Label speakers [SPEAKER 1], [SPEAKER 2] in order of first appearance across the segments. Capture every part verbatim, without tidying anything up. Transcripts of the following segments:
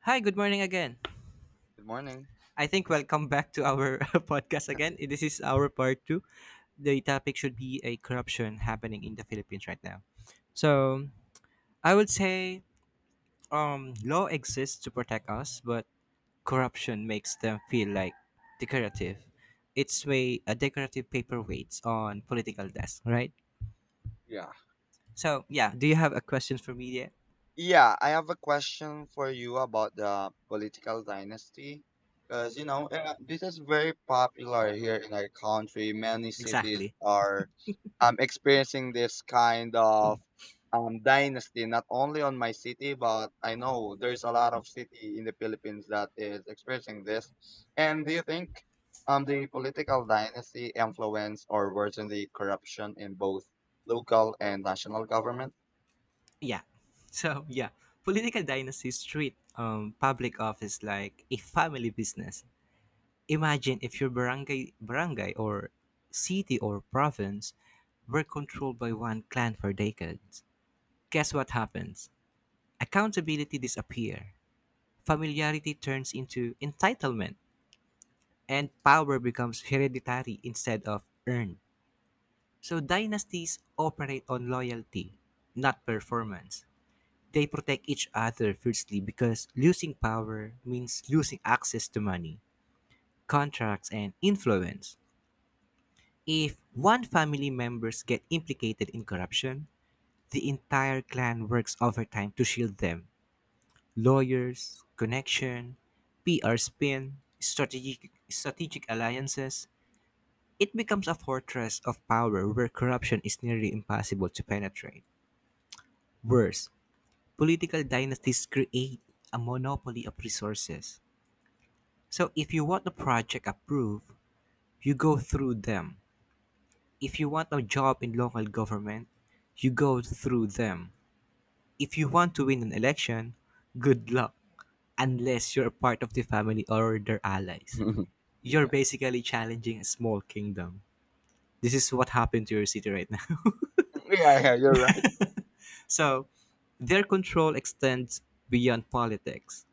[SPEAKER 1] Hi, good morning again.
[SPEAKER 2] Good morning.
[SPEAKER 1] I think welcome back to our podcast again. This is our part two. The topic should be a corruption happening in the Philippines right now. So I would say um, law exists to protect us, but corruption makes them feel like decorative. It's way a decorative paperweights on political desk, right?
[SPEAKER 2] Yeah.
[SPEAKER 1] So yeah, do you have a question for me? Yeah,
[SPEAKER 2] Yeah, I have a question for you about the political dynasty. Because, you know, uh, this is very popular here in our country. Many cities
[SPEAKER 1] exactly.
[SPEAKER 2] are um, experiencing this kind of um, dynasty, not only on my city, but I know there's a lot of city in the Philippines that is experiencing this. And do you think um, the political dynasty influence or worsen the corruption in both local and national government?
[SPEAKER 1] Yeah. So yeah, political dynasties treat um, public office like a family business. Imagine if your barangay, barangay or city or province were controlled by one clan for decades. Guess what happens? Accountability disappear. Familiarity turns into entitlement, and power becomes hereditary instead of earned. So dynasties operate on loyalty, not performance. They protect each other fiercely because losing power means losing access to money, contracts, and influence. If one family members get implicated in corruption, the entire clan works overtime to shield them. Lawyers, connection, P R spin, strategic, strategic alliances, it becomes a fortress of power where corruption is nearly impossible to penetrate. Worse, political dynasties create a monopoly of resources. So if you want the project approved, you go through them. If you want a job in local government, you go through them. If you want to win an election, good luck, unless you're a part of the family or their allies. You're
[SPEAKER 2] Yeah.
[SPEAKER 1] basically challenging a small kingdom. This is what happened to your city right now.
[SPEAKER 2] Yeah, yeah, you're right.
[SPEAKER 1] So their control extends beyond politics.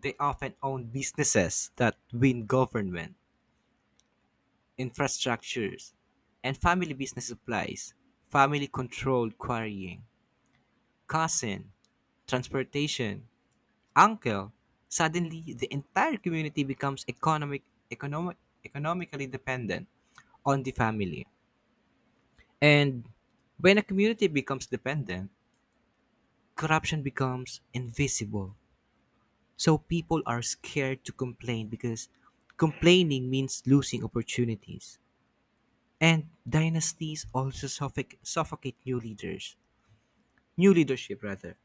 [SPEAKER 1] They often own businesses that win government infrastructures, and family business supplies, family controlled quarrying, cousin, transportation, uncle. Suddenly, the entire community becomes economic, economic, economically dependent on the family. And when a community becomes dependent, corruption becomes invisible. So people are scared to complain because complaining means losing opportunities. And dynasties also suffoc- suffocate new leaders, new leadership rather.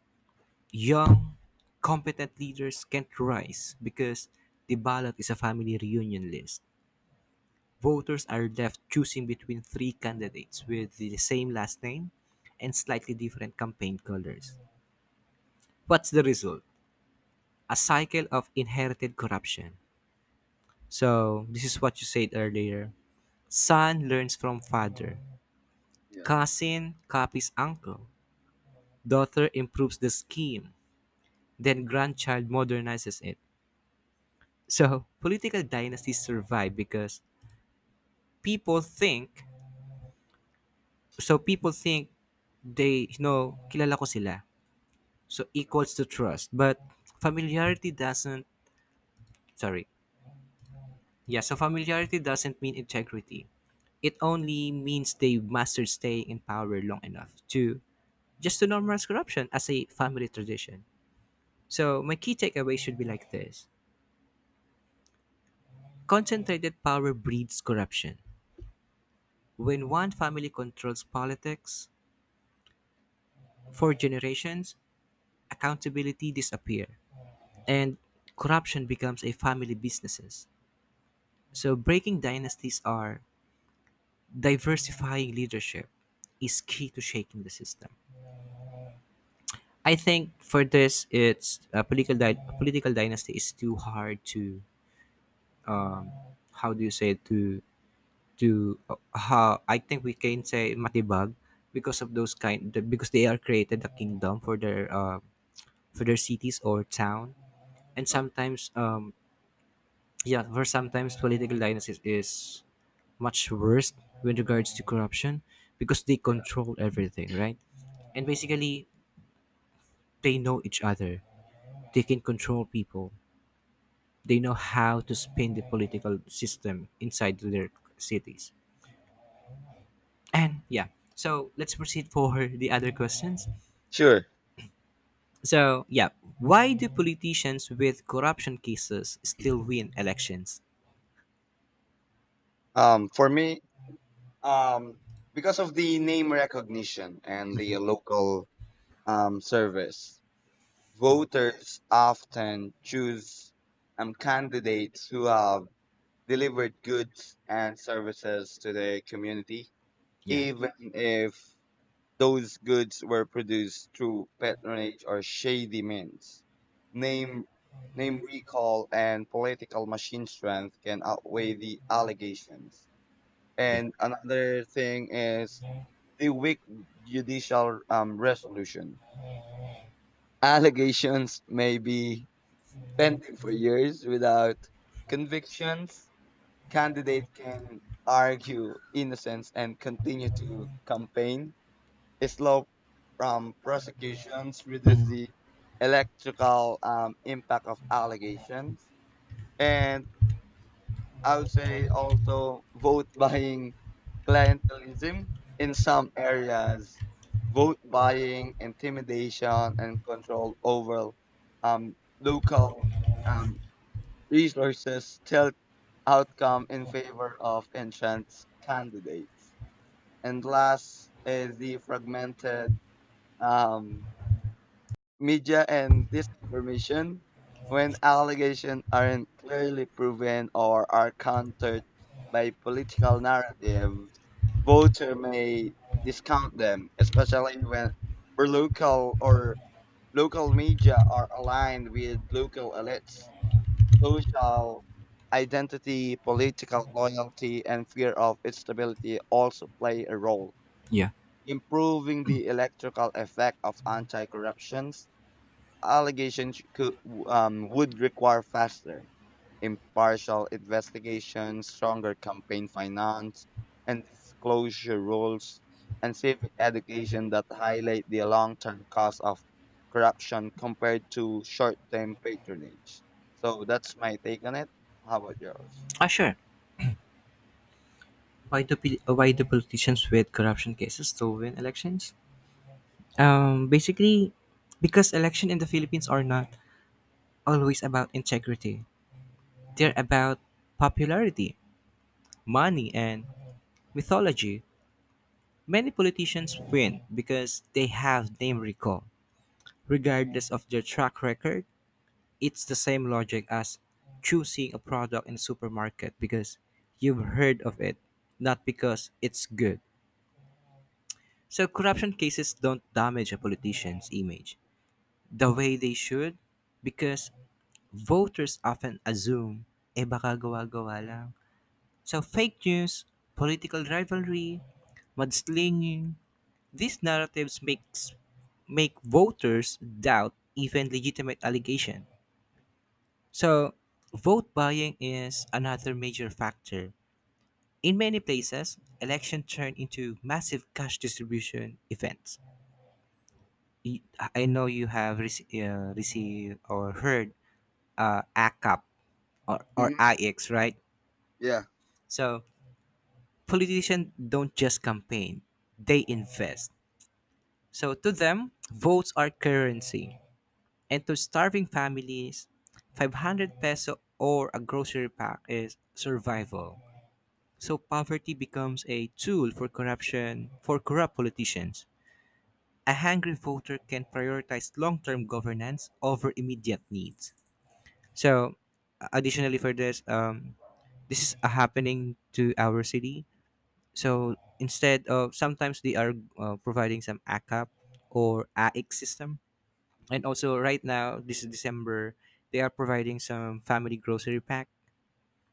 [SPEAKER 1] Young, competent leaders can't rise because the ballot is a family reunion list. Voters are left choosing between three candidates with the same last name and slightly different campaign colors. What's the result? A cycle of inherited corruption. So, this is what you said earlier. Son learns from father.
[SPEAKER 2] Yeah.
[SPEAKER 1] Cousin copies uncle. Daughter improves the scheme, then grandchild modernizes it. So political dynasties survive because people think so people think they, you know, kilala ko sila. So equals to trust, but familiarity doesn't, sorry. Yeah, so familiarity doesn't mean integrity. It only means they mastered staying in power long enough to just to normalize corruption as a family tradition. So my key takeaway should be like this. Concentrated power breeds corruption. When one family controls politics for generations, accountability disappears and corruption becomes a family businesses. So breaking dynasties are diversifying leadership is key to shaking the system. I think for this, it's a political di- political dynasty is too hard to um, how do you say it, to to uh, how I think we can say matibag because of those kind the, because they are created a kingdom for their uh, for their cities or town and
[SPEAKER 2] Huh?
[SPEAKER 1] sometimes um yeah for sometimes political dynasties is much worse with regards to corruption because they
[SPEAKER 2] Yeah.
[SPEAKER 1] control everything, right, and basically they know each other, they can control people, they know how to spin the political system inside their cities. And yeah, so let's proceed for the other questions.
[SPEAKER 2] Sure.
[SPEAKER 1] So yeah, why do politicians with corruption cases still win elections?
[SPEAKER 2] Um for me, um because of the name recognition and the local um service, voters often choose um candidates who have delivered goods and services to the community,
[SPEAKER 1] Yeah,
[SPEAKER 2] even if those goods were produced through patronage or shady means. Name, name recall and political machine strength can outweigh the allegations.
[SPEAKER 1] yeah,
[SPEAKER 2] And another thing is the weak judicial um, resolution. Allegations may be pending for years without convictions. Candidate can argue innocence and continue to campaign, slow from prosecutions reduce
[SPEAKER 1] mhm,
[SPEAKER 2] the electrical um, impact of allegations. And I would say also vote buying clientelism in some areas, vote buying, intimidation, and control over um, local um, resources tilt outcome in favor of entrenched candidates. And last is the fragmented um, media and disinformation. When allegations aren't clearly proven or are countered by political narrative, voter may discount them, especially when where local or local media are aligned with local elites. Social identity, political loyalty, and fear of instability also play a role.
[SPEAKER 1] yeah.
[SPEAKER 2] Improving the electoral effect of anti-corruptions allegations could, um, would require faster, impartial investigations, stronger campaign finance and disclosure rules, and civic education that highlight the long term cost of corruption compared to short term patronage. So that's my take on it. How about yours?
[SPEAKER 1] Ah, sure. Why do poli- uh, why do politicians with corruption cases still win elections? Um, basically, because election in the Philippines are not always about integrity. They're about popularity, money, and mythology. Many politicians win because they have name recall regardless of their track record. It's the same logic as choosing a product in a supermarket because you've heard of it, not because it's good. So corruption cases don't damage a politician's image the way they should because voters often assume, eh baka gawa-gawa lang. So fake news, political rivalry, mudslinging, these narratives makes make voters doubt even legitimate allegations. So vote buying is another major factor. In many places, election turn into massive cash distribution events. Y- I know you have rec- uh, received or heard uh, A CAP or, or
[SPEAKER 2] Mm-hmm.
[SPEAKER 1] nine, right?
[SPEAKER 2] Yeah.
[SPEAKER 1] So politicians don't just campaign, they invest. So, to them, votes are currency. And to starving families, five hundred peso or a grocery pack is survival. So poverty becomes a tool for corruption, for corrupt politicians. A hungry voter can prioritize long-term governance over immediate needs. So, uh, additionally for this, um, this is uh, happening to our city. So instead of sometimes they are uh, providing some A CAP or A I C system,
[SPEAKER 2] Hmm.
[SPEAKER 1] and also right now this is December, they are providing some family grocery pack,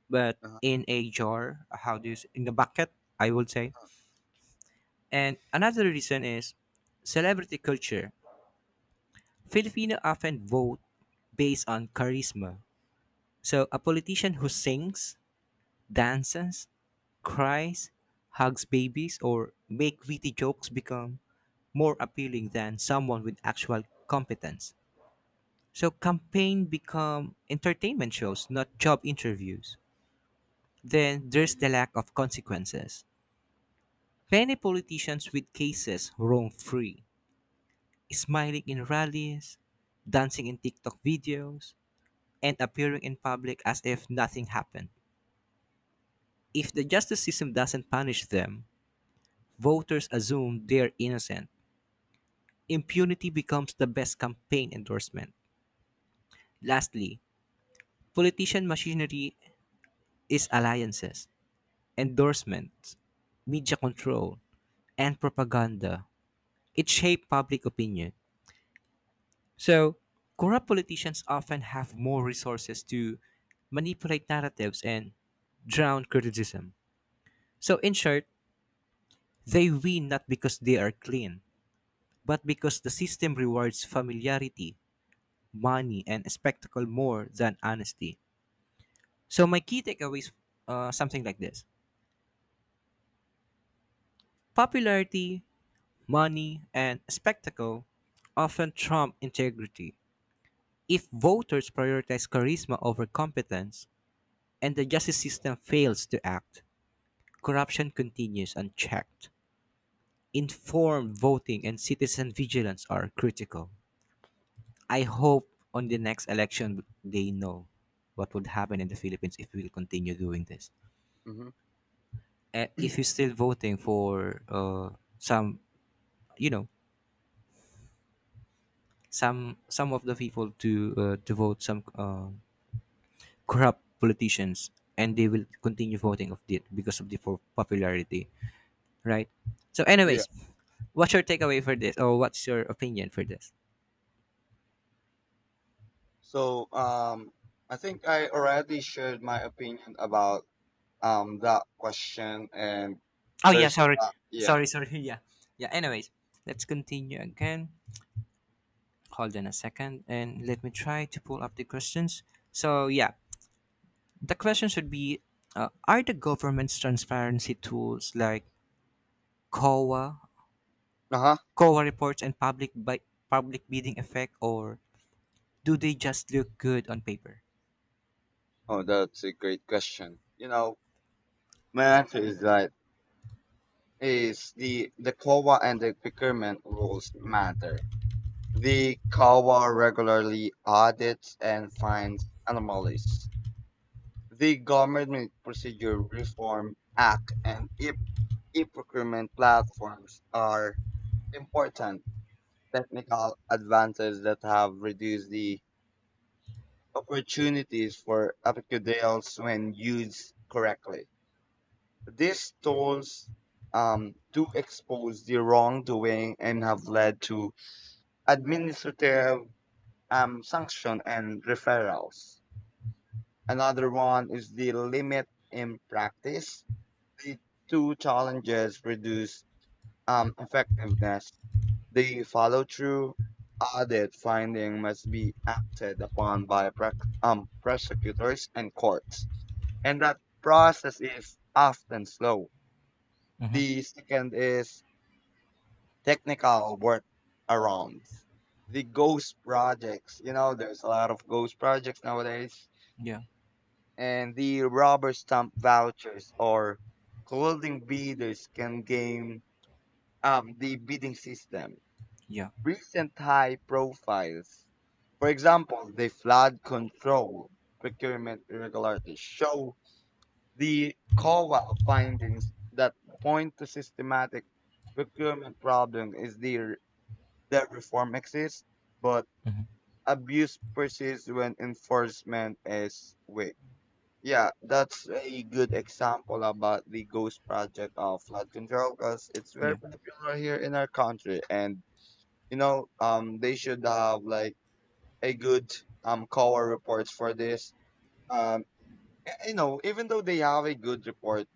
[SPEAKER 1] but
[SPEAKER 2] Uh-huh.
[SPEAKER 1] in a jar. How do you s- in a bucket? I would say. And another reason is celebrity culture. Filipino often vote based on charisma. So a politician who sings, dances, cries, hugs babies, or make witty jokes become more appealing than someone with actual competence. So campaign become entertainment shows, not job interviews. Then there's the lack of consequences. Many politicians with cases roam free, smiling in rallies, dancing in TikTok videos, and appearing in public as if nothing happened. If the justice system doesn't punish them, voters assume they're innocent. Impunity becomes the best campaign endorsement. Lastly, politician machinery is alliances, endorsements, media control, and propaganda. It shapes public opinion. So corrupt politicians often have more resources to manipulate narratives and drown criticism. So, in short, they win not because they are clean, but because the system rewards familiarity, money, and spectacle more than honesty. So, my key takeaways uh, something like this: popularity, money, and spectacle often trump integrity. If voters prioritize charisma over competence, and the justice system fails to act, corruption continues unchecked. Informed voting and citizen vigilance are critical. I hope on the next election they know what would happen in the Philippines if we continue doing this.
[SPEAKER 2] Mm-hmm.
[SPEAKER 1] And if you're still voting for uh, some, you know, some some of the people to uh, to vote some uh, corrupt politicians, and they will continue voting of it because of the po- popularity, right? So,
[SPEAKER 2] Yeah.
[SPEAKER 1] anyways, what's your takeaway for this, or what's your opinion for this?
[SPEAKER 2] So um, I think I already shared my opinion about um that question and
[SPEAKER 1] Oh yeah,
[SPEAKER 2] there's
[SPEAKER 1] sorry,
[SPEAKER 2] uh, yeah.
[SPEAKER 1] sorry, sorry. Yeah, yeah. Anyways, let's continue again. Hold on a second, and let me try to pull up the questions. So yeah, the questions would be: uh, are the government's transparency tools like C O A,
[SPEAKER 2] Uh-huh.
[SPEAKER 1] C O A reports, and public by public bidding effect, or do they just look good on paper?
[SPEAKER 2] Oh, that's a great question. You know, my answer is that is the the kowa and the procurement rules matter. The kowa regularly audits and finds anomalies. The government procedure reform act and e- e-procurement platforms are important technical advances that have reduced the opportunities for epicudals when used correctly. These tools um, do expose the wrongdoing and have led to administrative um, sanction and referrals. Another one is the limit in practice. The two challenges reduce um, effectiveness. The follow through audit finding must be acted upon by prac um, prosecutors and courts, and that process is often slow.
[SPEAKER 1] Mm-hmm.
[SPEAKER 2] The second is technical workarounds. The ghost projects, you know, there's a lot of ghost projects nowadays,
[SPEAKER 1] Yeah,
[SPEAKER 2] and the rubber stamp vouchers or clothing bidders can game up the bidding system.
[SPEAKER 1] yeah,
[SPEAKER 2] Recent high profiles, for example, the flood control procurement irregularities show the C O A findings that point to systematic procurement problem is there, that reform exists, but
[SPEAKER 1] hmm,
[SPEAKER 2] abuse persists when enforcement is weak. Yeah, that's a good example about the ghost project of flood control because it's
[SPEAKER 1] yeah,
[SPEAKER 2] very popular here in our country, and you know, um, they should have like a good um C O A reports for this. Um, you know, even though they have a good report,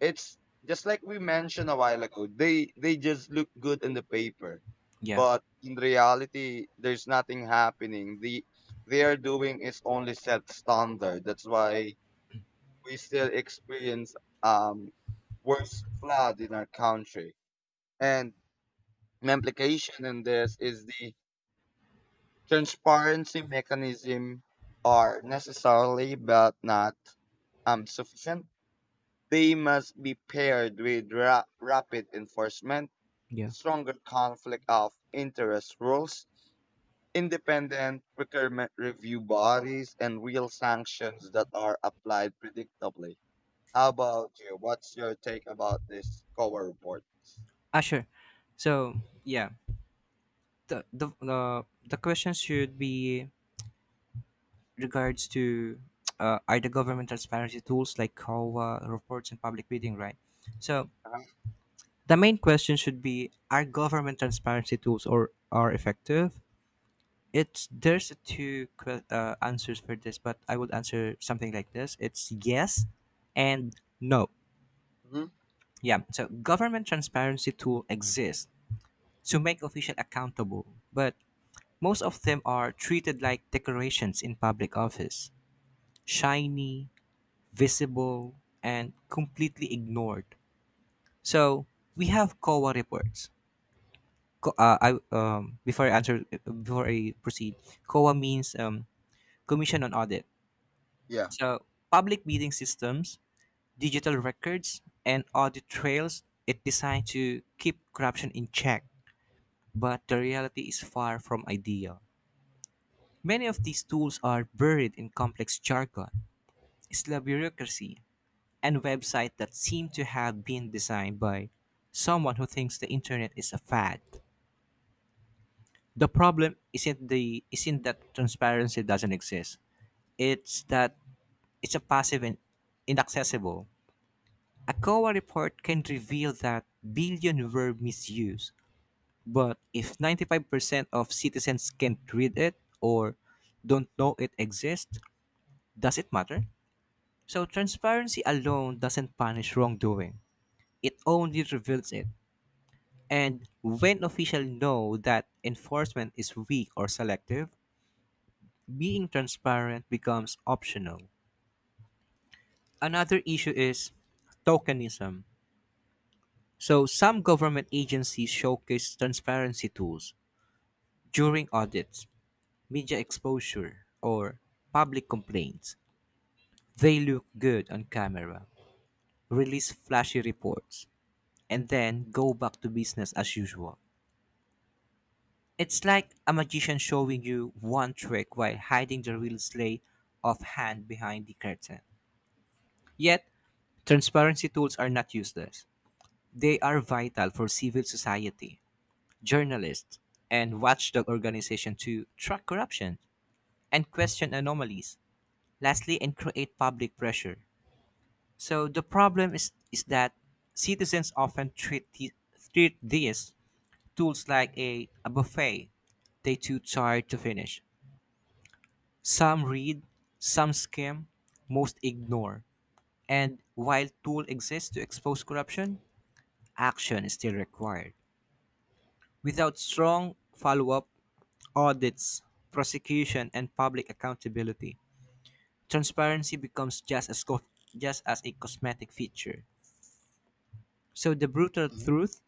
[SPEAKER 2] it's just like we mentioned a while ago, they they just look good in the paper,
[SPEAKER 1] yeah,
[SPEAKER 2] but in reality there's nothing happening. The they are doing is only set standard. That's why we still experience um worse flood in our country. And an implication in this is the transparency mechanism are necessarily but not um sufficient. They must be paired with ra- rapid enforcement,
[SPEAKER 1] yeah.
[SPEAKER 2] stronger conflict of interest rules, independent procurement review bodies, and real sanctions that are applied predictably. How about you? What's your take about this C O A report?
[SPEAKER 1] Ah, sure. So yeah, the the the, the question should be regards to uh, are government transparency tools like C O A reports and public bidding, right? So
[SPEAKER 2] Uh,
[SPEAKER 1] the main question should be: are government transparency tools or are effective? It's there's two que- uh, answers for this, but I would answer something like this: it's yes and no.
[SPEAKER 2] mhm.
[SPEAKER 1] Yeah. So government transparency tool exists to make official accountable, but most of them are treated like decorations in public office, shiny, visible, and completely ignored. So we have C O A reports. Co- Uh, I um, Before I answer before I proceed, C O A means um, Commission on Audit.
[SPEAKER 2] Yeah.
[SPEAKER 1] So public bidding systems, digital records, and audit trails. It designed to keep corruption in check, but the reality is far from ideal. Many of these tools are buried in complex jargon. It's la bureaucracy and websites that seem to have been designed by someone who thinks the internet is a fad. The problem isn't the isn't that transparency doesn't exist. It's that it's a passive and inaccessible. A C O A report can reveal that billion were misused, but if ninety-five percent of citizens can't read it or don't know it exists, does it matter? So transparency alone doesn't punish wrongdoing. It only reveals it. And when officials know that enforcement is weak or selective, being transparent becomes optional. Another issue is tokenism. So some government agencies showcase transparency tools during audits, media exposure, or public complaints. They look good on camera, release flashy reports, and then go back to business as usual. It's like a magician showing you one trick while hiding the real sleight of hand behind the curtain. Yet, transparency tools are not useless. They are vital for civil society, journalists, and watchdog organizations to track corruption and question anomalies. Lastly, and create public pressure. So the problem is, is that citizens often treat, the, treat these tools like a, a buffet they too tired to finish. Some read, some skim, most ignore. And while tool exists to expose corruption, action is still required. Without strong follow-up, audits, prosecution, and public accountability, transparency becomes just as co- just as a cosmetic feature. So the brutal
[SPEAKER 2] Mhm.
[SPEAKER 1] truth,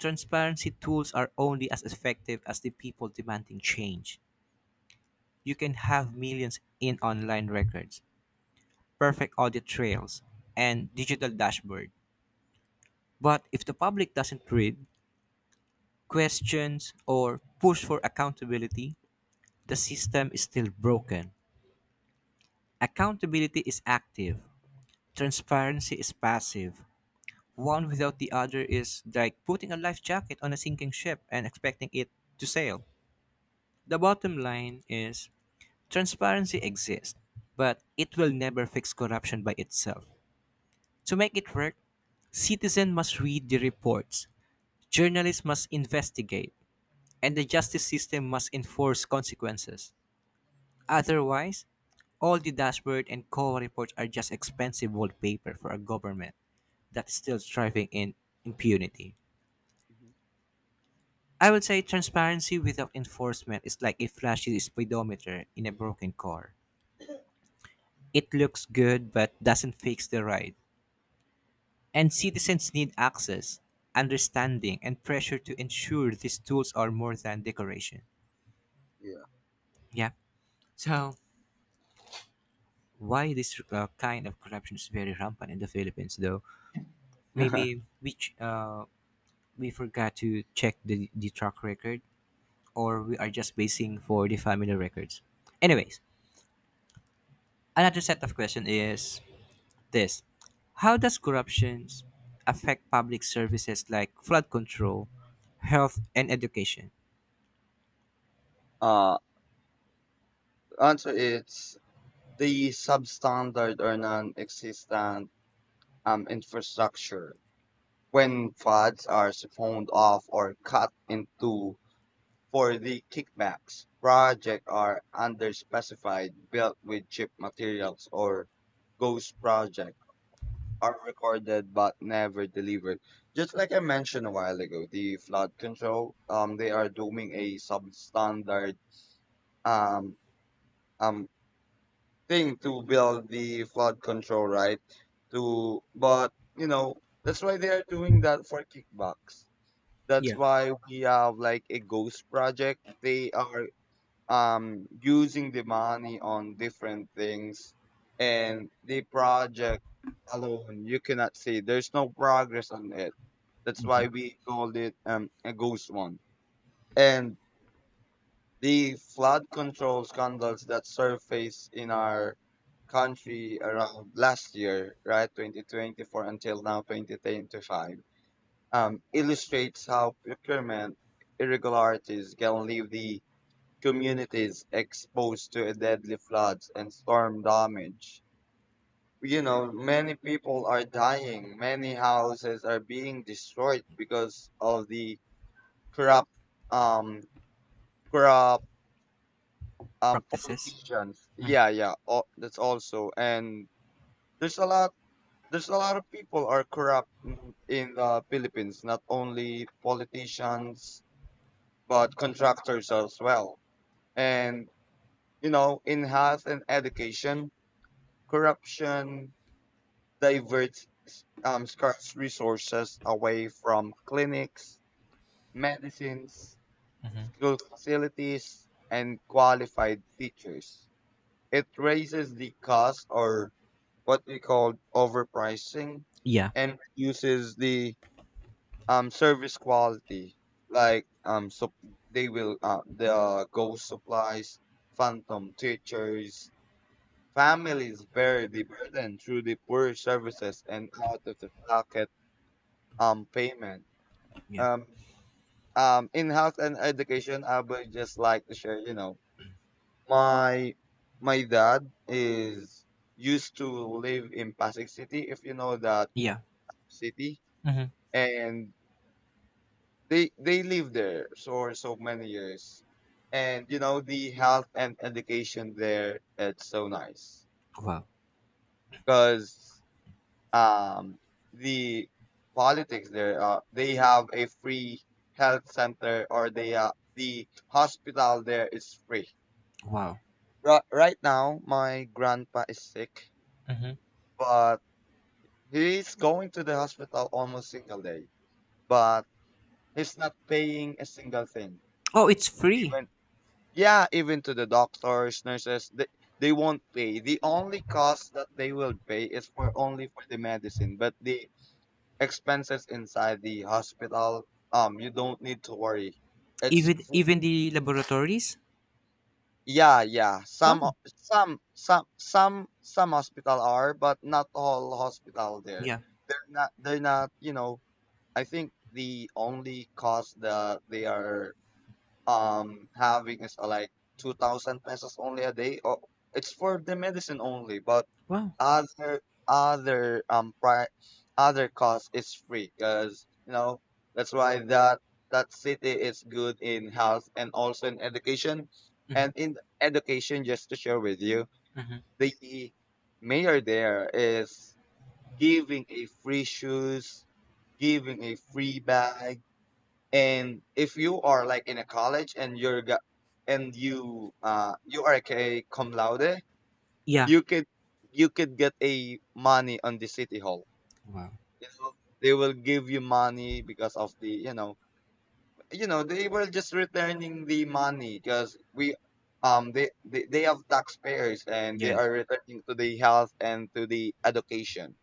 [SPEAKER 1] transparency tools are only as effective as the people demanding change. You can have millions in online records, perfect audit trails, and digital dashboard. But if the public doesn't read, questions, or push for accountability, the system is still broken. Accountability is active, transparency is passive. One without the other is like putting a life jacket on a sinking ship and expecting it to sail. The bottom line is transparency exists, but it will never fix corruption by itself. To make it work, citizens must read the reports, journalists must investigate, and the justice system must enforce consequences. Otherwise, all the dashboard and C O A reports are just expensive wallpaper for a government that is still thriving in impunity.
[SPEAKER 2] Mhm.
[SPEAKER 1] I would say transparency without enforcement is like a flashy speedometer in a broken car. It looks good but doesn't fix the ride. And citizens need access, understanding, and pressure to ensure these tools are more than decoration.
[SPEAKER 2] Yeah.
[SPEAKER 1] Yeah. So why this uh, kind of corruption is very rampant in the Philippines, though. Maybe which uh, we forgot to check the the track record, or we are just basing for the family records. Anyways, another set of question is this: how does corruption affect public services like flood control, health, and education?
[SPEAKER 2] uh, Answer is the substandard or non-existent um, infrastructure. When funds are siphoned off or cut into for the kickbacks, projects are underspecified, built with cheap materials, or ghost project are recorded but never delivered. Just like I mentioned a while ago, the flood control, um, they are doing a substandard um um thing to build the flood control, right? To, but you know that's why they are doing that for kickbacks. That's
[SPEAKER 1] Yeah.
[SPEAKER 2] why we have like a ghost project. They are um, using the money on different things, and the project alone you cannot see there's no progress on it. That's
[SPEAKER 1] Hmm.
[SPEAKER 2] why we called it um, a ghost one. And the flood control scandals that surfaced in our country around last year, right, twenty twenty-four until now twenty twenty-five, um, illustrates how procurement irregularities can leave the communities exposed to deadly floods and storm damage. You know, many people are dying. Many houses are being destroyed because of the corrupt, um, corrupt um
[SPEAKER 1] Practices.
[SPEAKER 2] politicians.
[SPEAKER 1] Mhm.
[SPEAKER 2] Yeah, yeah. Oh, that's also and there's a lot. There's a lot of people are corrupt in in the Philippines. Not only politicians, but contractors as well. And you know, in health and education, corruption diverts um, scarce resources away from clinics, medicines, school facilities, and qualified teachers. It raises the cost, or what we call overpricing,
[SPEAKER 1] Yeah,
[SPEAKER 2] and reduces the um, service quality. Like um, so they will uh, the ghost supplies, phantom teachers, families bear the burden through the poor services and out of the pocket um payment.
[SPEAKER 1] yeah,
[SPEAKER 2] Um, um, in health and education, I would just like to share. You know, my my dad is used to live in Pasig City, if you know that
[SPEAKER 1] yeah.
[SPEAKER 2] city,
[SPEAKER 1] Hmm.
[SPEAKER 2] and they they live there for so many years, and you know the health and education there. It's so nice
[SPEAKER 1] Wow,
[SPEAKER 2] because um, the politics there. Uh, they have a free health center, or they uh, the hospital there is free.
[SPEAKER 1] wow.
[SPEAKER 2] Right, right now, my grandpa is sick,
[SPEAKER 1] Hmm.
[SPEAKER 2] but he's going to the hospital almost single day. But he's not paying a single thing.
[SPEAKER 1] Oh, it's free.
[SPEAKER 2] Even yeah, even to the doctors, nurses, they they won't pay. The only cost that they will pay is for only for the medicine, but the expenses inside the hospital, um, you don't need to worry. It's
[SPEAKER 1] Even
[SPEAKER 2] free.
[SPEAKER 1] even the laboratories?
[SPEAKER 2] Yeah, yeah. Some,
[SPEAKER 1] Wow.
[SPEAKER 2] o- some, some, some, some hospital are, but not all hospital there.
[SPEAKER 1] Yeah.
[SPEAKER 2] They're not. They're not. You know, I think the only cost that they are um having is uh, like two thousand pesos only a day. Oh, it's for the medicine only, but
[SPEAKER 1] Wow.
[SPEAKER 2] other other um pri- other cost is free because you know that's why that that city is good in health and also in education.
[SPEAKER 1] Mhm,
[SPEAKER 2] And in education just to share with you,
[SPEAKER 1] mhm.
[SPEAKER 2] the mayor there is giving a free shoes, giving a free bag, and if you are like in a college and you're go- and you uh you are like a cum laude,
[SPEAKER 1] Yeah.
[SPEAKER 2] you could you could get a money on the city hall.
[SPEAKER 1] Wow.
[SPEAKER 2] You know they will give you money because of the you know, you know they were just returning the money because we um they, they they have taxpayers and they
[SPEAKER 1] Yes.
[SPEAKER 2] are returning to the health and to the education.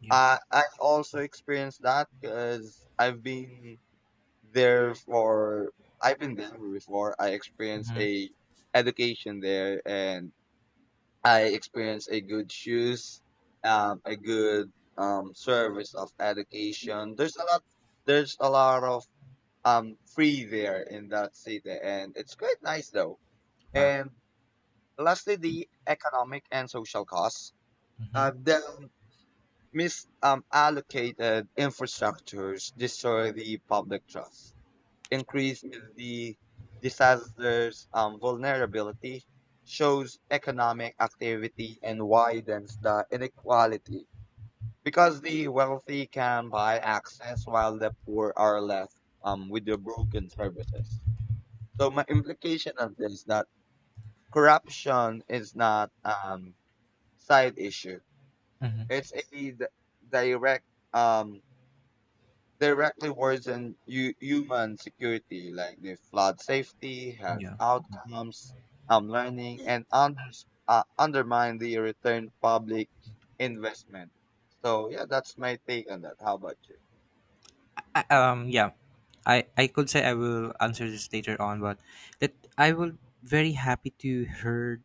[SPEAKER 1] Yeah.
[SPEAKER 2] uh, I also experienced that because i've been Therefore, I've been there before. I experienced
[SPEAKER 1] Mhm.
[SPEAKER 2] a education there, and I experienced a good shoes, um, a good um service of education. There's a lot. There's a lot of um free there in that city, and it's quite nice though.
[SPEAKER 1] Wow.
[SPEAKER 2] And lastly, the economic and social costs. Uh,
[SPEAKER 1] Mhm,
[SPEAKER 2] the misallocated um, allocated infrastructures destroy the public trust, increase the disaster's um, vulnerability, shows economic activity, and widens the inequality because the wealthy can buy access while the poor are left um, with the broken services. So my implication of this is that corruption is not um, side issue;
[SPEAKER 1] mhm.
[SPEAKER 2] it's a d- direct um, directly worsen hu- human security, like the flood safety, health
[SPEAKER 1] Yeah.
[SPEAKER 2] outcomes, um, learning, and unders uh, undermine the return public investment. So yeah, that's my take on that. How about you?
[SPEAKER 1] I, um. Yeah. I I could say I will answer this later on, but that I will very happy to heard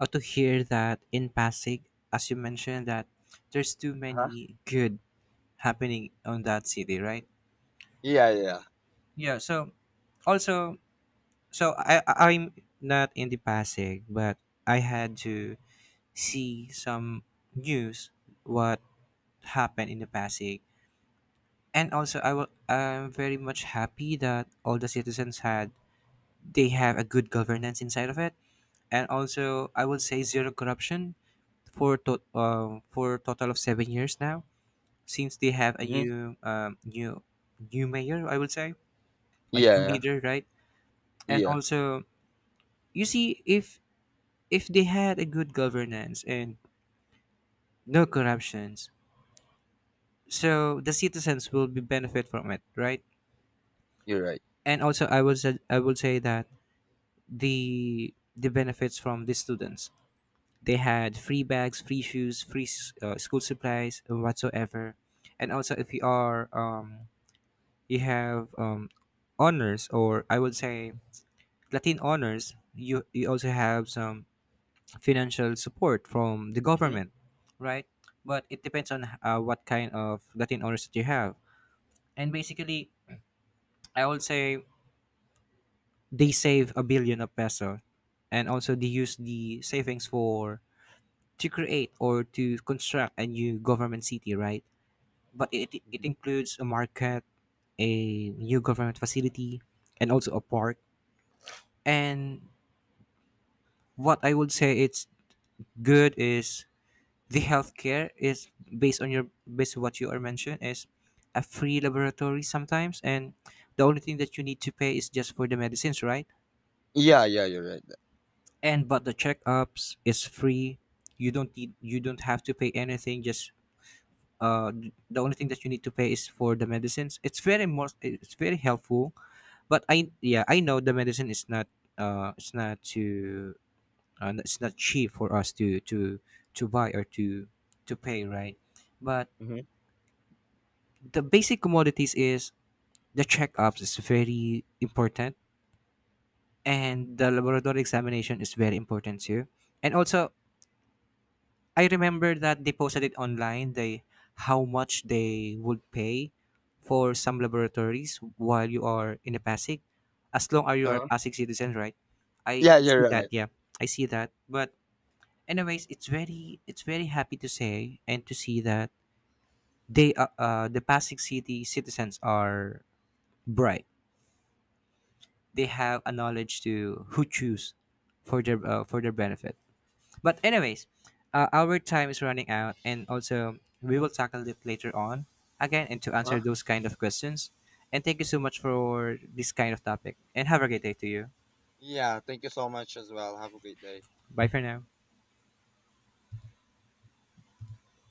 [SPEAKER 1] or to hear that in Pasig, as you mentioned that there's too
[SPEAKER 2] Huh?
[SPEAKER 1] many good happening on that city, right?
[SPEAKER 2] Yeah, yeah.
[SPEAKER 1] Yeah. So also, so I I- I'm not in the Pasig, but I had to see some news what happened in the Pasig, and also I will I'm very much happy that all the citizens had they have a good governance inside of it, and also I will say zero corruption for to, um for total of seven years now since they have a
[SPEAKER 2] Hmm.
[SPEAKER 1] new um new new mayor, I would say, a new
[SPEAKER 2] Yeah,
[SPEAKER 1] leader, right? And
[SPEAKER 2] yeah.
[SPEAKER 1] also, you see, if if they had a good governance and no corruptions, so the citizens will be benefit from it, right?
[SPEAKER 2] You're right.
[SPEAKER 1] And also, I will say, I will say that the the benefits from the students. They had free bags, free shoes, free s- uh, school supplies, uh, whatsoever. And also, if you are um, you have um, honors, or I would say Latin honors, you you also have some financial support from the
[SPEAKER 2] Hmm.
[SPEAKER 1] government, right? But it depends on uh, what kind of Latin owners that you have. And basically, I would say they save a billion of peso, and also they use the savings for to create or to construct a new government city, right? But it it includes a market, a new government facility, and also a park. And what I would say it's good is the healthcare is based on your based on what you are mentioned is a free laboratory sometimes, and the only thing that you need to pay is just for the medicines, right?
[SPEAKER 2] Yeah, yeah. You're right.
[SPEAKER 1] And but the checkups is free, you don't need you don't have to pay anything, just uh, the only thing that you need to pay is for the medicines. It's very most it's very helpful, but I, yeah, I know the medicine is not, uh it's not too, uh, it's not cheap for us to to to buy or to to pay, right? But
[SPEAKER 2] Hmm.
[SPEAKER 1] the basic commodities is, the checkups is very important, and the laboratory examination is very important too. And also, I remember that they posted it online, they how much they would pay for some laboratories while you are in a Pasig, as long as you are a
[SPEAKER 2] Uh-huh.
[SPEAKER 1] Pasig citizen, right? I
[SPEAKER 2] Yeah, you're
[SPEAKER 1] see that,
[SPEAKER 2] right.
[SPEAKER 1] yeah. I see that. But anyways, it's very, it's very happy to say and to see that they uh, uh the Pasig city citizens are bright. They have a knowledge to who choose for their uh, for their benefit. But anyways, uh, our time is running out, and also we will tackle it later on again and to answer
[SPEAKER 2] Uh-huh.
[SPEAKER 1] those kind of questions. And thank you so much for this kind of topic. And have a great day to you.
[SPEAKER 2] Yeah. Thank you so much as well. Have a great day.
[SPEAKER 1] Bye for now.